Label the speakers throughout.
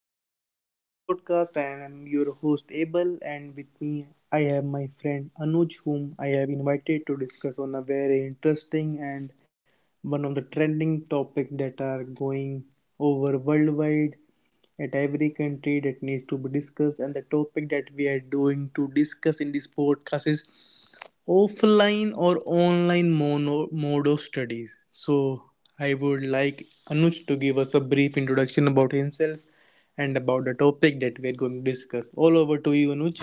Speaker 1: to our podcast. I am your host Abel, and with me, I have my friend Anuj, whom I have invited to discuss on a very interesting and one of the trending topics that are going over worldwide at every country that needs to be discussed. And the topic that we are doing to discuss in this podcast is offline or online mode of studies. So, I would like Anuj to give us a brief introduction about himself and about the topic that we're going to discuss. All over to you, Anuj.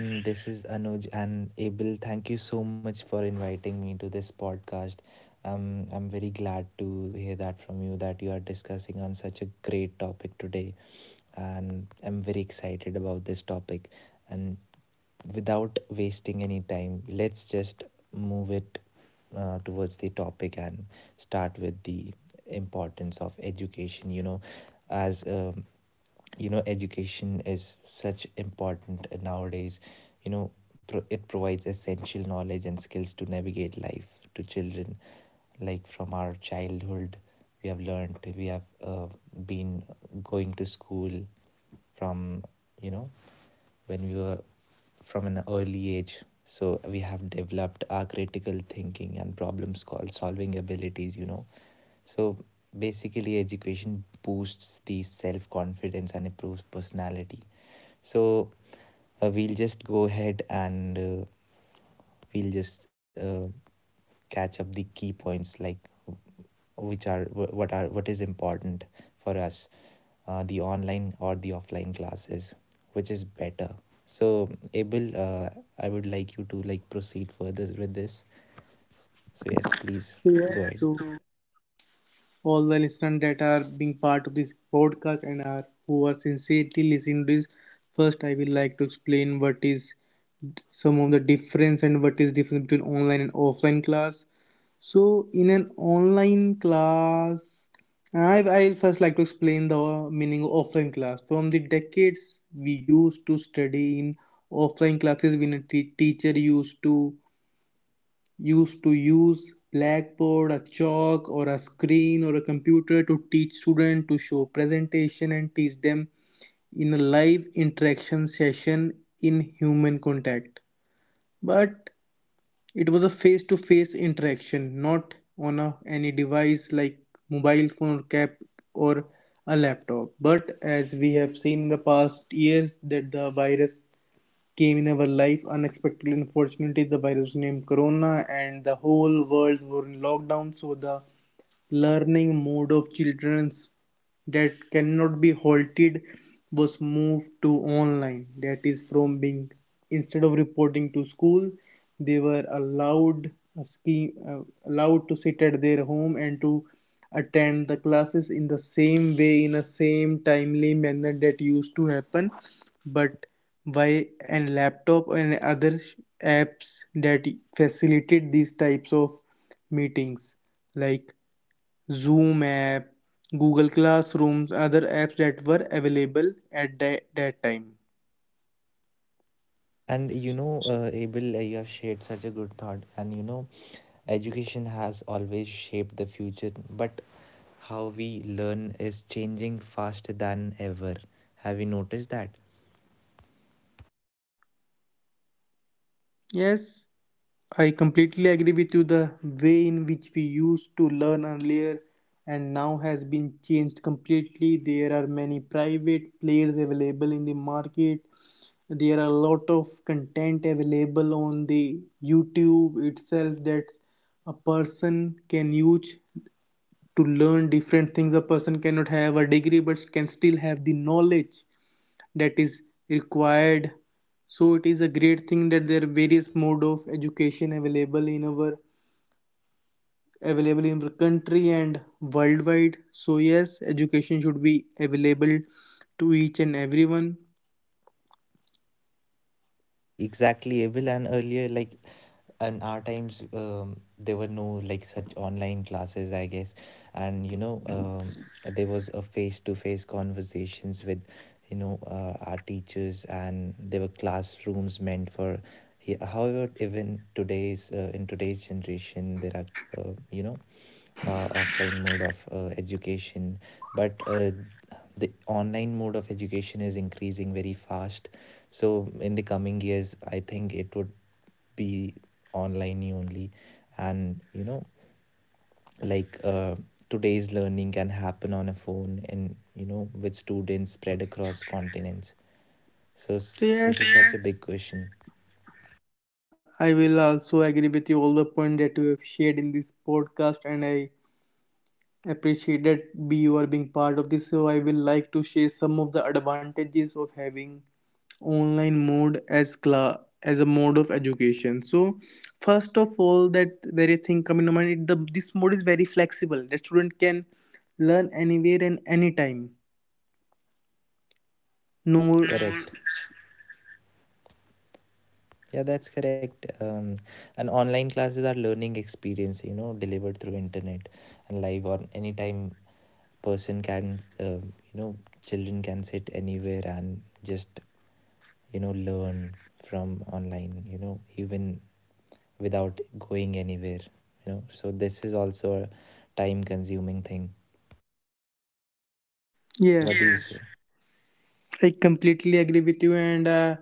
Speaker 2: Hi everyone, this is Anuj and Abel. Thank you so much for inviting me to this podcast. I'm very glad to hear that from you that you are discussing on such a great topic today, and I'm very excited about this topic. And without wasting any time, let's just move it towards the topic and start with the importance of education. As um, education is such important nowadays. You know, it provides essential knowledge and skills to navigate life to children. Like from our childhood, we have been going to school from you know when we were from an early age, so we have developed our critical thinking and problem solving abilities, so basically education boosts the self confidence and improves personality. So we'll just go ahead and we'll just catch up the key points, like which are what is important for us, the online or the offline classes, which is better. So Abel, I would like you to like proceed further with this, so yes,
Speaker 1: Yes,
Speaker 2: please
Speaker 1: to
Speaker 2: go ahead.
Speaker 1: all the listeners that are being part of this podcast and are who are sincerely listening to this. First, I will like to explain what is some of the difference and what is difference between online and offline class. So, in an online class, I will first like to explain the meaning of offline class. From the decades we used to study in offline classes, when a teacher used to use blackboard, a chalk, or a screen or a computer to teach students to show presentation and teach them in a live interaction session in human contact. But it was a face to face interaction, not on a, any device like mobile phone or cap or a laptop. But as we have seen in the past years that the virus came in our life unexpectedly, unfortunately the virus was named corona and the whole world were in lockdown, so the learning mode of children that cannot be halted was moved to online, that is from being instead of reporting to school they were allowed a scheme, allowed to sit at their home and to attend the classes in the same way in a same timely manner that used to happen, but by and laptop and other apps that facilitate these types of meetings, like Zoom app, Google Classrooms, other apps that were available at that time.
Speaker 2: And Abel, you have shared such a good thought, and you know, education has always shaped the future, but how we learn is changing faster than ever. Have you noticed that?
Speaker 1: Yes, I completely agree with you. The way in which we used to learn earlier and now has been changed completely. There are many private players available in the market. There are a lot of content available on the YouTube itself that a person can use to learn different things. A person cannot have a degree but can still have the knowledge that is required. So it is a great thing that there are various mode of education available in our country and worldwide, so yes, education should be available to each and everyone.
Speaker 2: Exactly, exactly, Abel. And earlier, like in our times, there were no like such online classes I guess. And you know, there was a face to face conversations with our teachers, and there were classrooms meant for however, even today's in today's generation, there are uh, you know offline mode of education, but the online mode of education is increasing very fast. So in the coming years, I think it would be online only. And you know, like uh, today's learning can happen on a phone, and you know, with students spread across continents.
Speaker 1: So
Speaker 2: So
Speaker 1: yes,
Speaker 2: this is such a There big question.
Speaker 1: I will also agree with you all the point that you have shared in this podcast, and I appreciated be you are being part of this, so I will like to share some of the advantages of having online mode as class as a mode of education. So first of all, that very thing coming to mind the, this mode is very flexible. The student can learn anywhere and anytime. No.
Speaker 2: No, correct. Yeah, that's correct. And online classes are learning experience, you know, delivered through internet and live on anytime. Person can, children can sit anywhere and just, you know, learn from online, you know, even without going anywhere, you know. So this is also a time consuming thing.
Speaker 1: Yes,
Speaker 2: What do you say?
Speaker 1: I completely agree with you, and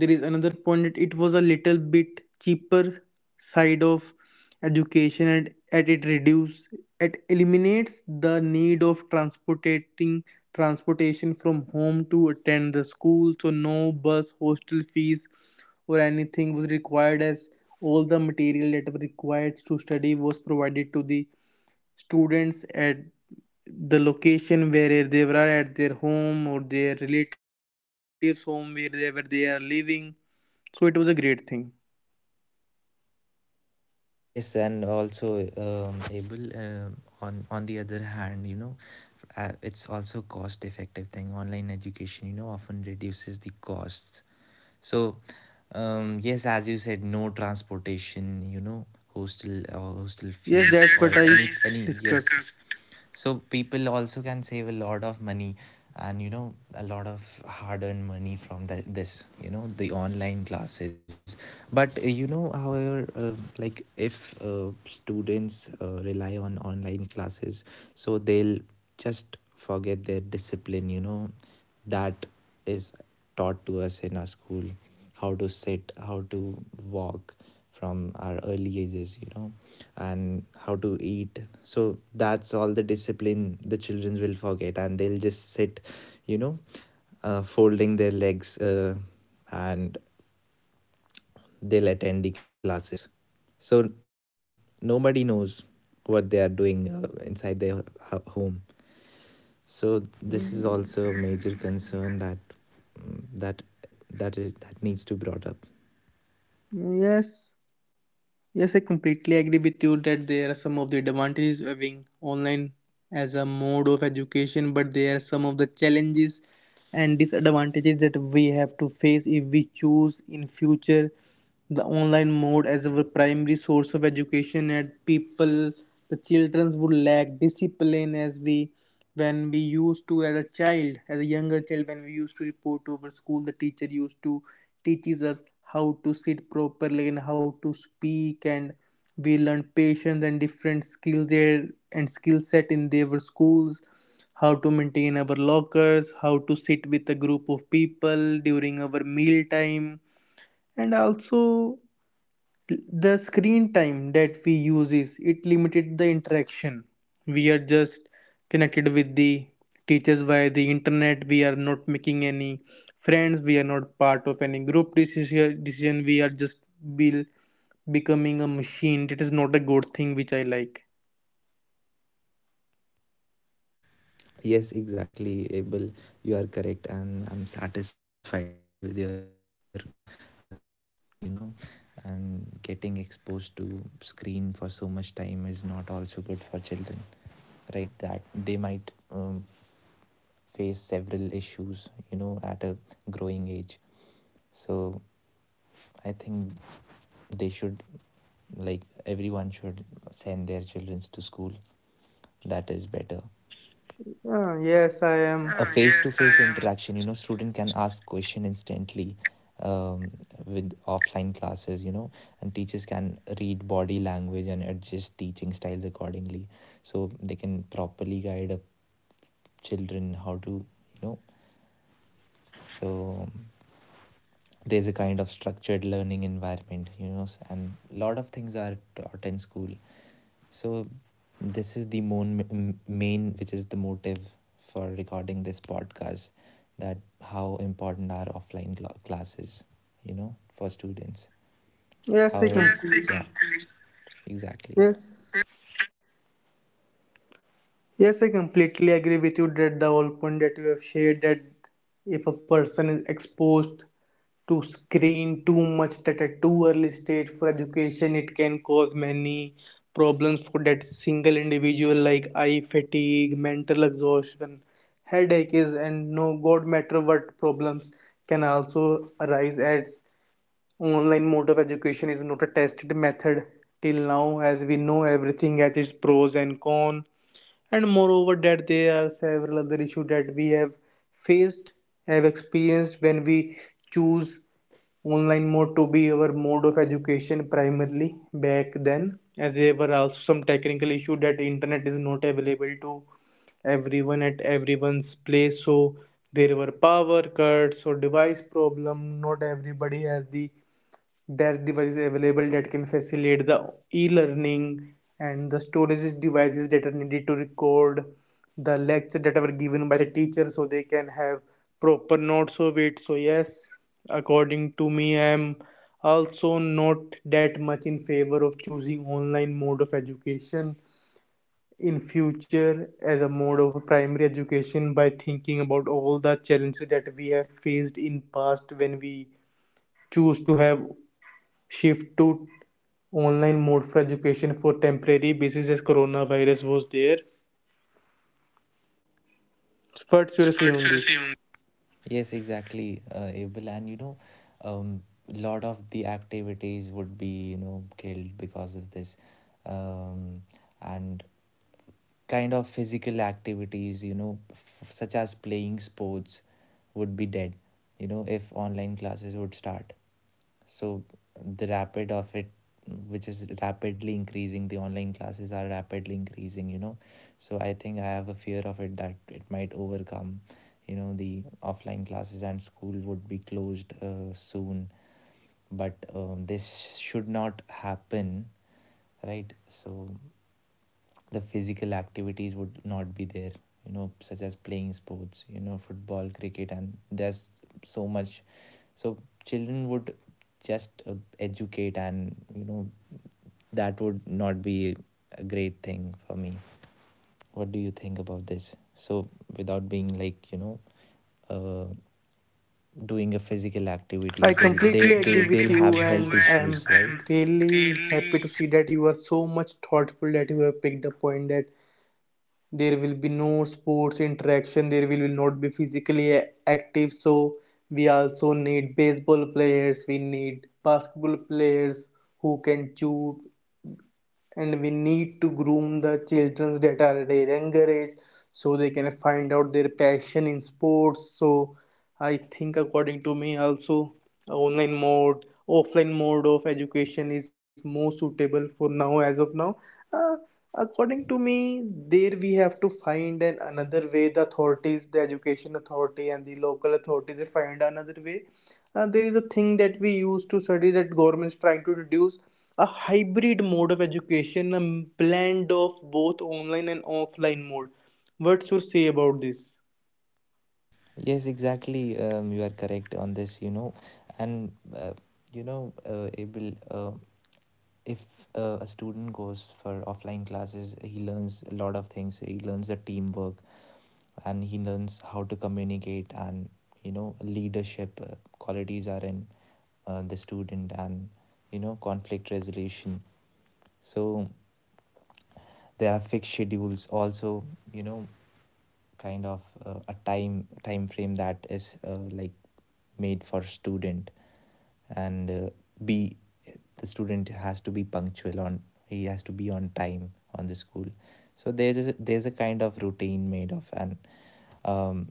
Speaker 1: there is another point that it was a little bit cheaper side of education, and at it reduce it eliminates the need of transportating transportation from home to attend the school. So no bus, hostel fees, or anything was required, as all the material that were required to study was provided to the students at the location where they were, at their home or their relatives' home where they are living. So it was a great thing.
Speaker 2: Yes, and also able, on the other hand, you know, it's also cost effective thing. Online education, you know, often reduces the costs. So, yes, as you said, no transportation, you know,
Speaker 1: Yes, that's
Speaker 2: hostel
Speaker 1: what I
Speaker 2: fees, Or any
Speaker 1: discussed.
Speaker 2: any yes. So people also can save a lot of money, and you know, a lot of hard earned money from this, you know, the online classes. But however, like if students rely on online classes, so they'll just forget their discipline, you know, that is taught to us in our school. How to sit, how to walk from our early ages, you know, and how to eat. So that's all the discipline the children will forget, and they'll just sit, you know folding their legs, and they'll attend the classes. So nobody knows what they are doing inside their home. So this is
Speaker 1: Mm.
Speaker 2: also a major concern that mm, that that is that needs to be brought up.
Speaker 1: Yes. Yes, I completely agree with you that there are some of the advantages of having online as a mode of education, but there are some of the challenges and disadvantages that we have to face if we choose in future the online mode as our primary source of education, and people, the children would lack discipline. As we, when we used to as a child, as a younger child, when we used to report over school, the teacher used to teaches us how to sit properly and how to speak, and we learned patience and different skills there, and skill set in their schools, how to maintain our lockers, how to sit with a group of people during our meal time. And also the screen time that we use is it limited the interaction. We are just connected with the teachers via the internet. We are not making any friends. We are not part of any group decision. We are just be, becoming a machine, that is not a good thing which I like.
Speaker 2: Yes, exactly, Abel. You are correct, and I'm satisfied with your thinking. You know, and getting exposed to screen for so much time is not also good for children, right? That they might face several issues, you know, at a growing age. So I think they should, like, everyone should send their children to school. That is better.
Speaker 1: Ah, yes, I am.
Speaker 2: Face to face interaction, you know, student can ask question instantly, um, with offline classes, you know, and teachers can read body language and adjust teaching styles accordingly. So they can properly guide a children how to, you know, so there's a kind of structured learning environment, you know, and a lot of things are taught in school. So this is the main, which is the motive for recording this podcast, that how important are offline classes, you know, for students.
Speaker 1: Yes, I
Speaker 2: However,
Speaker 1: completely.
Speaker 2: yeah, exactly.
Speaker 1: Yes. Yes, I completely agree with you that the whole point that you have shared, that if a person is exposed to screen too much at a too early stage for education, it can cause many problems for that single individual, like eye fatigue, mental exhaustion, headaches, and no god matter what problems can also arise, as online mode of education is not a tested method till now. As we know, everything has its pros and cons, and moreover that there are several other issues that we have faced have experienced when we choose online mode to be our mode of education primarily back then, as there were also some technical issue that internet is not available to everyone at everyone's place. So there were power cuts or device problem. Not everybody has the dash devices available that can facilitate the e-learning and the storage devices that are needed to record the lecture that are given by the teacher, so they can have proper notes of it. So yes, according to me, I am also not that much in favor of choosing online mode of education in future as a mode of primary education, by thinking about all the challenges that we have faced in past when we choose to have shift to online mode for education for temporary basis as coronavirus was there. What's your say on this?
Speaker 2: Yes, exactly, Abel. And you know, um, lot of the activities would be, you know, killed because of this. Um, and kind of physical activities, you know, such as playing sports, would be dead, you know, if online classes would start. So the rapid of it, which is rapidly increasing, the online classes are rapidly increasing, you know. So I think I have a fear of it that it might overcome, you know, the offline classes, and school would be closed soon. But this should not happen, right? So the physical activities would not be there, you know, such as playing sports, you know, football, cricket, and there's so much. So children would just educate, and you know, that would not be a great thing for me. What do you think about this? So without being like, you know, uh, doing a physical activity,
Speaker 1: I completely agree with
Speaker 2: they'll have
Speaker 1: you,
Speaker 2: health
Speaker 1: and I
Speaker 2: issues,
Speaker 1: am
Speaker 2: right? I'm
Speaker 1: really happy to
Speaker 2: really.
Speaker 1: see that you are so much thoughtful that you have picked the point that there will be no sports interaction, there will not be physically active. So, we also need baseball players, we need basketball players who can shoot, and we need to groom the children that are at a younger age, so they can find out their passion in sports. So I think according to me also, online mode offline mode of education is more suitable for now, as of now. uh, According to me, there we have to find an another way. The authorities, the education authority and the local authorities, they find another way. There is a thing that we used to study that government is trying to introduce a hybrid mode of education, a blend of both online and offline mode. What's your say about this?
Speaker 2: Yes, exactly. You are correct on this, you know. And, Abel, if a student goes for offline classes, he learns a lot of things. He learns the teamwork, and he learns how to communicate, and, you know, leadership qualities are in the student, and, you know, conflict resolution. So there are fixed schedules also, you know, kind of a time frame that is like made for student. And be the student has to be punctual on, he has to be on time on the school. So there is there's a kind of routine made of. And um,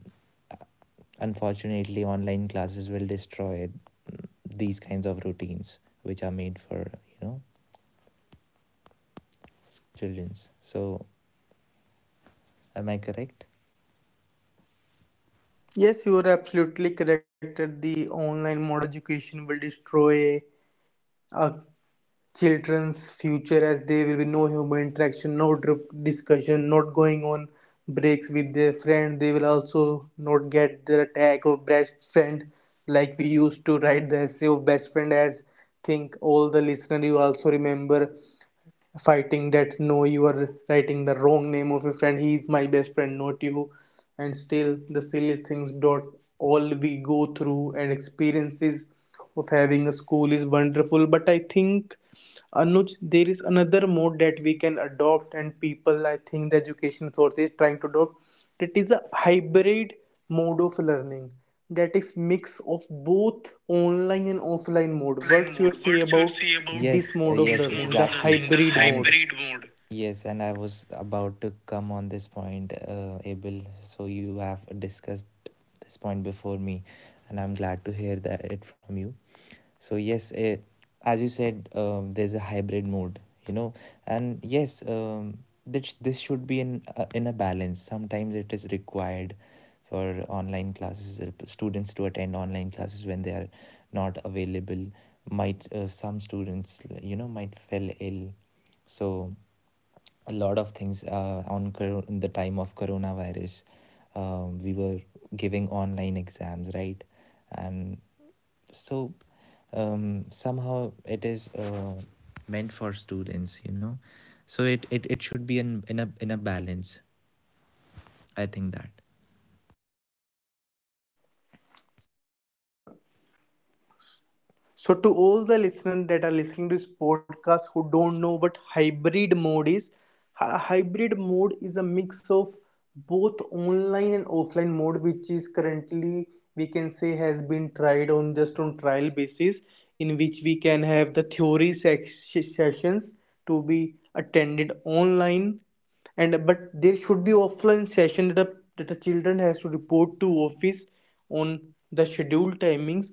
Speaker 2: unfortunately online classes will destroy these kinds of routines which are made for, you know, children's. So am I correct?
Speaker 1: Yes, you are absolutely correct that the online mode of education will destroy a children's future, as there will be no human interaction, no discussion, not going on breaks with their friend. They will also not get the tag of best friend, like we used to write the essay of best friend, as think all the listener, you also remember fighting that no, you are writing the wrong name of your friend, he is my best friend not you, and still the silly things dot all we go through and experiences of having a school is wonderful. But I think, Anuj, there is another mode that we can adopt, and people, I think the education source is trying to adopt, that is a hybrid mode of learning, that is mix of both online and offline mode.
Speaker 2: Offline
Speaker 1: What's your
Speaker 2: mode.
Speaker 1: say
Speaker 2: What you
Speaker 1: about
Speaker 2: say about
Speaker 1: this mode of
Speaker 2: this mode of
Speaker 1: learning, the
Speaker 2: learning, the
Speaker 1: hybrid
Speaker 2: and
Speaker 1: mode?
Speaker 2: hybrid mode. Yes, and I was about to come on this point, Abel. So you have discussed this point before me, and I'm glad to hear that it from you. So yes, as you said, there's a hybrid mode, you know, and yes, this should be in a balance. Sometimes it is required for online classes, students to attend online classes when they are not available. Might some students, you know, might fell ill, so a lot of things in the time of coronavirus. We were giving online exams, right? And so somehow it is meant for students, you know. So it should be in a balance. I think that
Speaker 1: So to all the listeners that are listening to this podcast who don't know what hybrid mode is, hybrid mode is a mix of both online and offline mode, which is currently, we can say, has been tried on just on trial basis, in which we can have the theory sessions to be attended online, and but there should be offline session that that a children has to report to office on the scheduled timings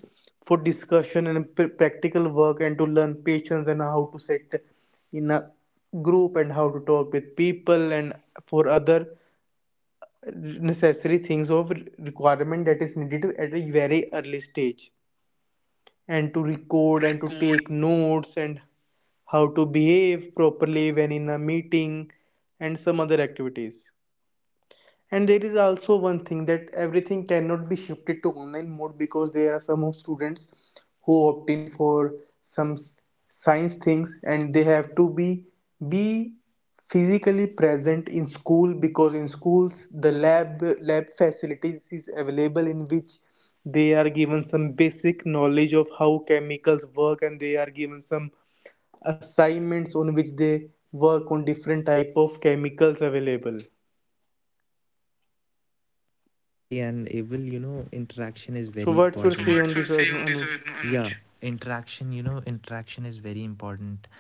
Speaker 1: for discussion and practical work, and to learn patience and how to sit in a group and how to talk with people and for other necessary things of requirement that is needed at a very early stage, and to
Speaker 2: and to
Speaker 1: record and to
Speaker 2: record.
Speaker 1: take notes, and how to behave properly when in a meeting, and some other activities. And there is also one thing that everything cannot be shifted to online mode, because there are some of students who opt in for some science things, and they have to be physically present in school, because in schools the lab facilities is available, in which they are given some basic knowledge of how chemicals work, and they are given some assignments on which they work on different type of chemicals available.
Speaker 2: Exactly, and it will, you know, interaction is
Speaker 1: So,
Speaker 2: very
Speaker 1: what's
Speaker 2: important.
Speaker 1: your
Speaker 2: So
Speaker 1: say on
Speaker 2: what's your
Speaker 1: this,
Speaker 2: say
Speaker 1: Anu-
Speaker 2: on this,
Speaker 1: Anuj?
Speaker 2: Anuj? Yeah, interaction you know, interaction is very important,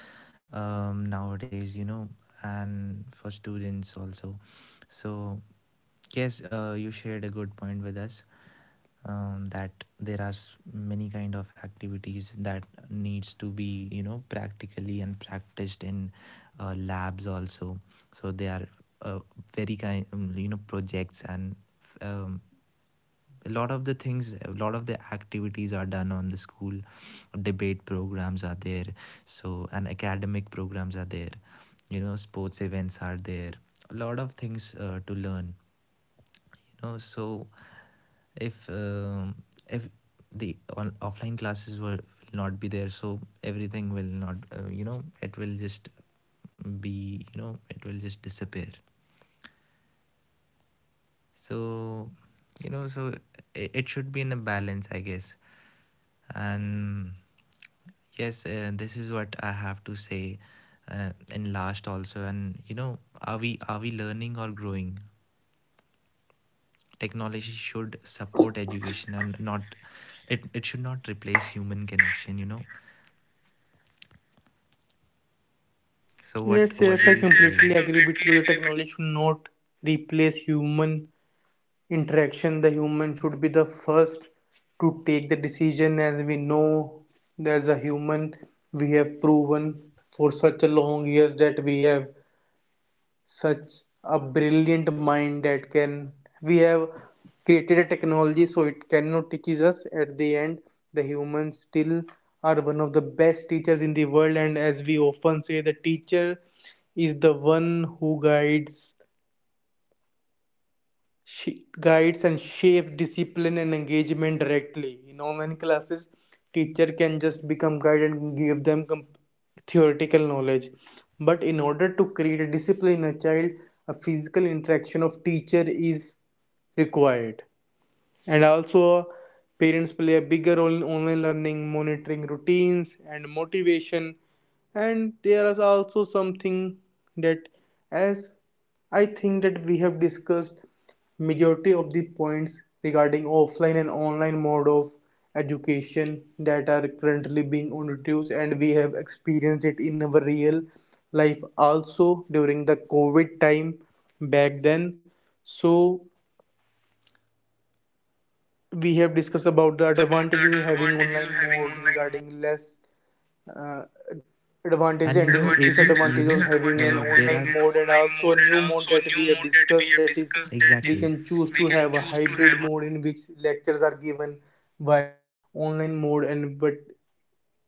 Speaker 2: nowadays, you know, and for students also. So, yes, you shared a good point with us, that there are many kind of activities that needs to be, you know, practically and practiced in labs also. So they are uh, very kind, projects and, um, a lot of the things, a lot of the activities are done on the school. Debate programs are there, so, and academic programs are there, you know, sports events are there, a lot of things to learn, you know. So if if the offline classes were will not be there, so everything will not, it will just be, you know, it will just disappear. So, you know, so it should be in a balance I guess. And yes, this is what I have to say in last also. And you know, are we, are we learning or growing? Technology should support education and not, it should not replace human connection, you know. So
Speaker 1: Yes,
Speaker 2: what do
Speaker 1: yes, I
Speaker 2: you say?
Speaker 1: completely
Speaker 2: Yes, I
Speaker 1: agree with
Speaker 2: completely
Speaker 1: you. The
Speaker 2: agree with.
Speaker 1: technology should not replace human interaction. The human should be the first to take the decision. As we know, as a human, we have proven for such a long years that we have such a brilliant mind that can, we have created a technology, so it cannot teach us. At the end, the humans still are one of the best teachers in the world, and as we often say, the teacher is the one who guides, guides and shape discipline and engagement directly. In online classes, teacher can just become guide and give them theoretical knowledge. But in order to create a discipline in a child, a physical interaction of teacher is required. And also, parents play a bigger role in online learning, monitoring routines and motivation. And there is also something that, as I think that we have discussed majority of the points regarding offline and online mode of education that are currently being introduced, and we have experienced it in our real life also during the covid time back then. So we
Speaker 2: And
Speaker 1: have
Speaker 2: you know, we
Speaker 1: discussed
Speaker 2: have
Speaker 1: about the
Speaker 2: discussed about the
Speaker 1: advantages of having
Speaker 2: advantages
Speaker 1: online
Speaker 2: of having
Speaker 1: mode
Speaker 2: online mode.
Speaker 1: regarding less uh, advantage
Speaker 2: And
Speaker 1: and
Speaker 2: you know, able you know,
Speaker 1: disadvantage of having an
Speaker 2: there are
Speaker 1: online
Speaker 2: an
Speaker 1: mode, and
Speaker 2: online
Speaker 1: also a
Speaker 2: mode, and
Speaker 1: new mode
Speaker 2: also a
Speaker 1: that
Speaker 2: new
Speaker 1: we have
Speaker 2: mode that we
Speaker 1: discussed,
Speaker 2: have
Speaker 1: that is,
Speaker 2: discussed. Exactly, that
Speaker 1: we
Speaker 2: is
Speaker 1: can choose to
Speaker 2: we
Speaker 1: have
Speaker 2: can
Speaker 1: a
Speaker 2: choose to
Speaker 1: hybrid
Speaker 2: have
Speaker 1: mode in which lectures are given by online mode, and but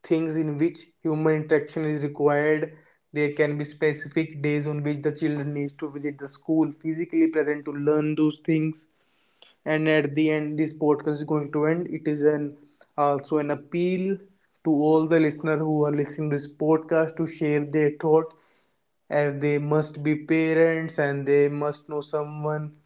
Speaker 1: things in which human interaction is required, there can be specific days on which the children needs to visit the school physically present to learn those things. And at the end, this podcast is going to end. It is an also an appeal to all the listeners who are listening to this podcast to share their thought, as they must be parents and they must know someone,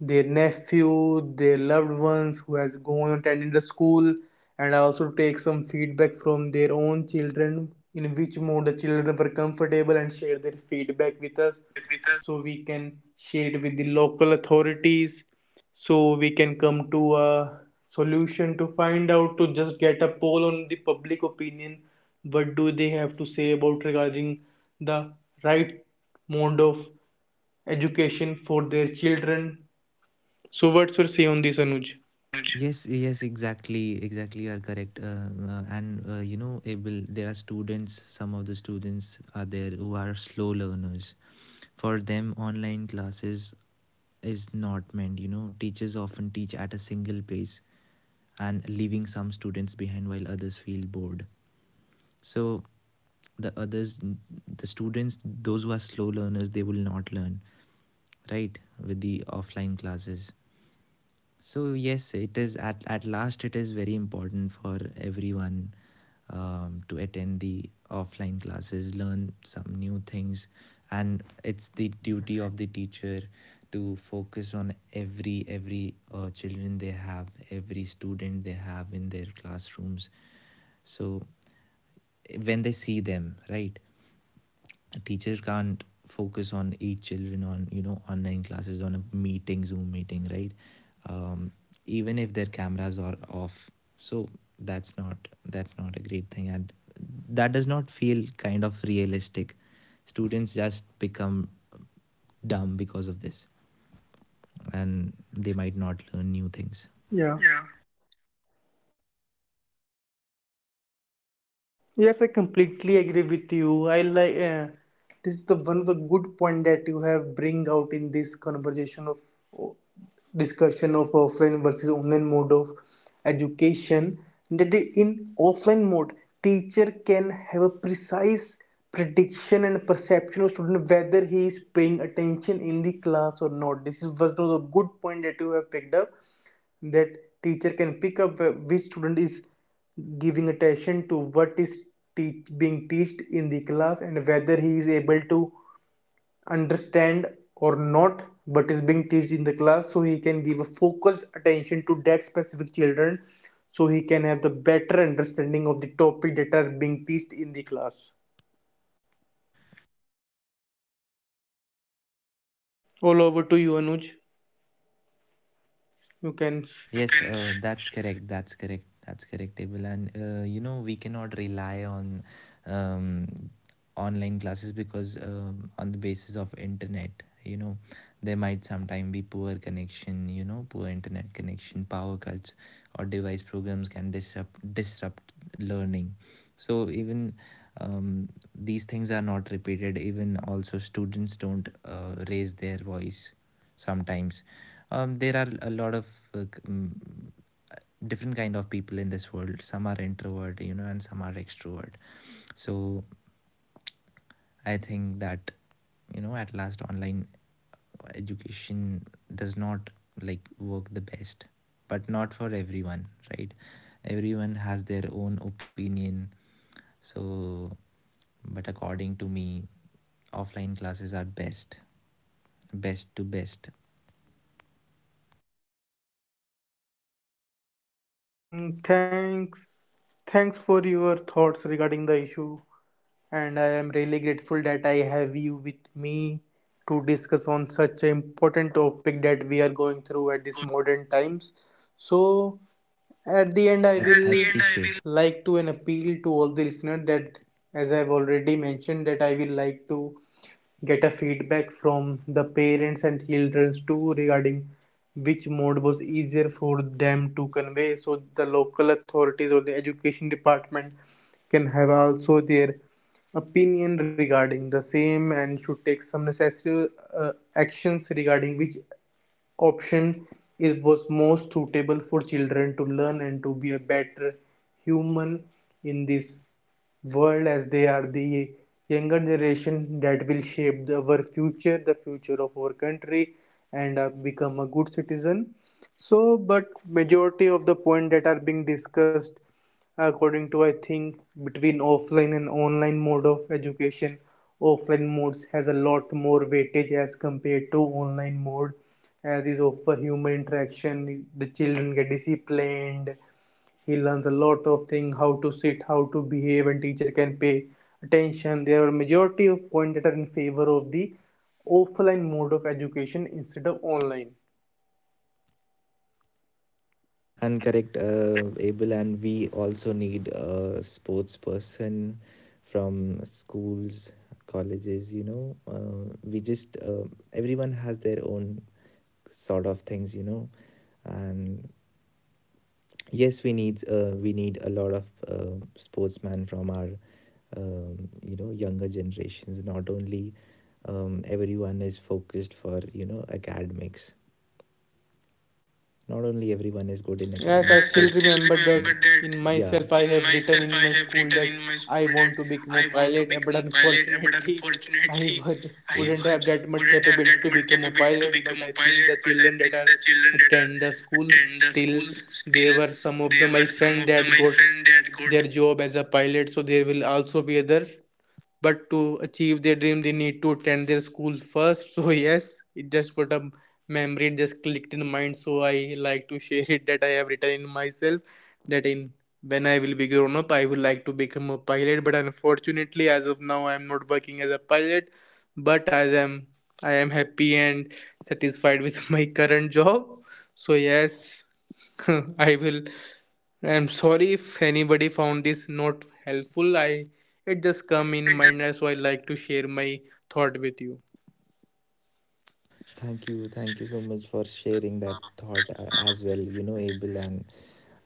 Speaker 1: their nephew, their loved ones who has gone attending the school, and also take some feedback from their own children in which mode the children were comfortable and share their feedback with
Speaker 2: a
Speaker 1: us
Speaker 2: back with us.
Speaker 1: so we can share it with the local authorities so we can come to a solution, to find out, to just get a poll on the public opinion, what do they have to say about regarding the right mode of education for their children. So, what's your say on this, Anuj?
Speaker 2: Yes, Anuj. Yes, yes, exactly, exactly. You are correct. And you know, Abel, there are students. Some of the students are there who are slow learners. For them, online classes is not meant. You know, teachers often teach at a single pace, and leaving some students behind while others feel bored. So the others the students those who are slow learners, they will not learn, right? With the offline classes. So yes, it is at last, it is very important for everyone, to attend the offline classes, learn some new things. And it's the duty of the teacher to focus on every children they have, every student they have in their classrooms. So when they see them, right? Teachers can't focus on each children on, you know, online classes, on a meeting, zoom meeting, right? um, Even if their cameras are off. So that's not that's not a great thing, and that does not feel kind of realistic. Students just become dumb because of this, and they might not learn new things.
Speaker 1: Yeah.
Speaker 2: Yeah.
Speaker 1: Yes, I completely agree with you. I like, this is the one of the good point that you have bring out in this conversation of, oh, discussion of offline versus online mode of education, that in offline mode, teacher can have a precise prediction and perception of student whether he is paying attention in the class or not. This is was the good point that you have picked up, that teacher can pick up which student is giving attention to what is being taught in the class and whether he is able to understand or not but is being taught in the class, so he can give a focused attention to that specific children, so he can have the better understanding of the topic that are being taught in the class. All over to you, Anuj. You can
Speaker 2: Yes, that's correct. That's correct, Abel. And you know, we cannot rely on um, online classes, because on the basis of internet, you know, there might sometime be poor connection. You know, poor internet connection, power cuts, or device programs can disrupt learning. So even um, these things are not repeated, even also students don't raise their voice sometimes. There are a lot of uh, mm, different kind of people in this world. Some are introvert, you know, and some are extrovert. So I think that, you know, at last, online education does not like work the best, but not for everyone, right? Everyone has their own opinion. So but according to me, offline classes are best, best to best.
Speaker 1: Mm, thanks for your thoughts regarding the issue, and I am really grateful that I have you with me to discuss on such an important topic that we are going through at
Speaker 2: We are
Speaker 1: this
Speaker 2: going through.
Speaker 1: modern times. So at the end, I
Speaker 2: As- At as
Speaker 1: will
Speaker 2: the end, I will.
Speaker 1: like to an appeal to all the listeners that, as I've already mentioned, that I will like to get a feedback from the parents and childrens too regarding which mode was easier for them to convey, so the local authorities or the education department can have also their opinion regarding the same and should take some necessary uh, actions regarding which option is was most suitable for children to learn and to be a better human in this world, as they are the younger generation that will shape our future, the future of our country, and become a good citizen. So but majority of the point that are being discussed, according to I think, between offline and online mode of education, offline modes has a lot more weightage as compared to online mode, as is of for human interaction, the children get disciplined, he learns a lot of things, how to sit, how to behave, and teacher can pay attention. There are majority of points that are in favor of the offline mode of education instead of online.
Speaker 2: And correct, Abel, and we also need a sports person from schools, colleges, you know, we just everyone has their own sort of things, you know. And yes, we need a lot of sportsmen from our, younger generations. Not only, everyone is focused for, you know, academics, not only everyone is good in academics.
Speaker 1: Yes, I
Speaker 2: Yes, I
Speaker 1: still
Speaker 2: still
Speaker 1: remember
Speaker 2: remember
Speaker 1: that
Speaker 2: that,
Speaker 1: in
Speaker 2: yeah,
Speaker 1: myself I
Speaker 2: in
Speaker 1: have written
Speaker 2: myself
Speaker 1: in
Speaker 2: I
Speaker 1: my
Speaker 2: have
Speaker 1: school
Speaker 2: written
Speaker 1: that
Speaker 2: in my
Speaker 1: I
Speaker 2: school that
Speaker 1: want to become a
Speaker 2: I want to
Speaker 1: pilot, but
Speaker 2: become a pilot, but
Speaker 1: unfortunately I
Speaker 2: unfortunately
Speaker 1: would wouldn't have that much
Speaker 2: wouldn't have
Speaker 1: capability
Speaker 2: that
Speaker 1: to
Speaker 2: much
Speaker 1: become a
Speaker 2: capability to
Speaker 1: pilot.
Speaker 2: become
Speaker 1: But
Speaker 2: a
Speaker 1: I think
Speaker 2: pilot.
Speaker 1: the
Speaker 2: But I
Speaker 1: children
Speaker 2: think
Speaker 1: that are
Speaker 2: the children that are
Speaker 1: attend the school
Speaker 2: attend the
Speaker 1: still,
Speaker 2: school
Speaker 1: there
Speaker 2: still,
Speaker 1: were some of
Speaker 2: they
Speaker 1: the my
Speaker 2: were some
Speaker 1: friend
Speaker 2: of the
Speaker 1: that
Speaker 2: my
Speaker 1: got
Speaker 2: friend that got.
Speaker 1: their job as a pilot, so there will also be other, but to achieve their dream they need to attend their school first. So yes, it just for a memory, it just clicked in mind, so I like to share it, that I have written in myself that in, when I will be grown up, I would like to become a pilot, but unfortunately as of now I am not working as a pilot, but as I am, I am happy and satisfied with my current job. So yes, I will, I'm sorry if anybody found this not helpful. I, it just come in mind, as so I like to share my thought with you.
Speaker 2: Thank you. Thank you so much for sharing that thought as well, you know, Abel. And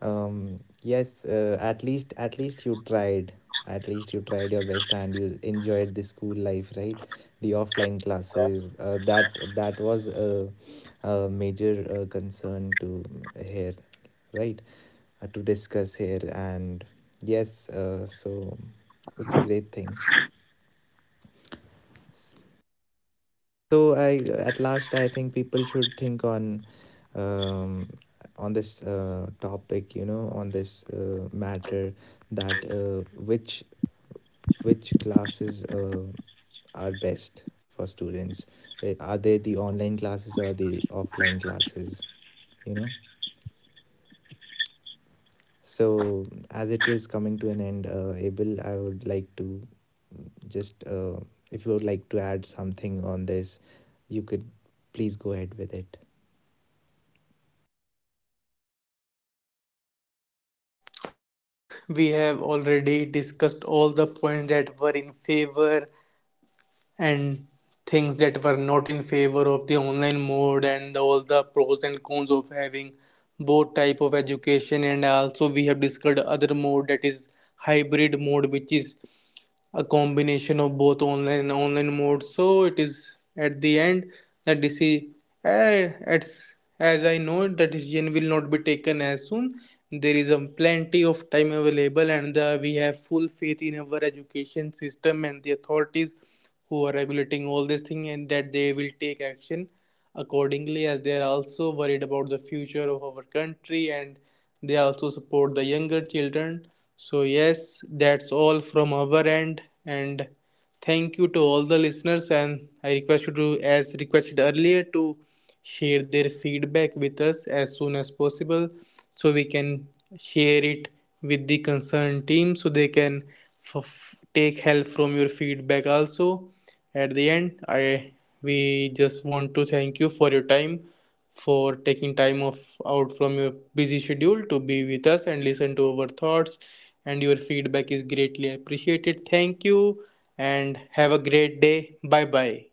Speaker 2: yes, at least, at least you tried. At least you tried your best, and you enjoyed the school life, right? The offline classes. That was a major concern to hear, right? To discuss here. And yes, so it's a great thing. So I, at last I think people should think on, um, on this topic, you know, on this matter, that which classes are best for students? Are they the online classes or the offline classes? You know. So, as it is coming to an end, Abel, I would like to just, if you would like to add something on this, you could please go ahead with it.
Speaker 1: I think we have already discussed all the points that were in favor and things that were not in favor of the online mode and all the pros and cons of having both type of education, and also we have discussed other mode that is hybrid mode, which is a combination of both online and online mode. So it is at the end that as I know it, the decision will not be taken as soon. There is a plenty of time available, and the we have full faith in our education system and the authorities who are regulating all this thing, and that they will take action accordingly, as they are also worried about the future of our country and they also support the younger children. So, yes, that's all from our end. And thank you to all the listeners. And I request you to, as requested earlier, to share their feedback with us as soon as possible so we can share it with the concerned team so they can f- take help from your feedback also. At the end, I, we just want to thank you for your time, for taking time off out from your busy schedule to be with us and listen to our thoughts, and your feedback is greatly appreciated. Thank you, and have a great day. Bye bye.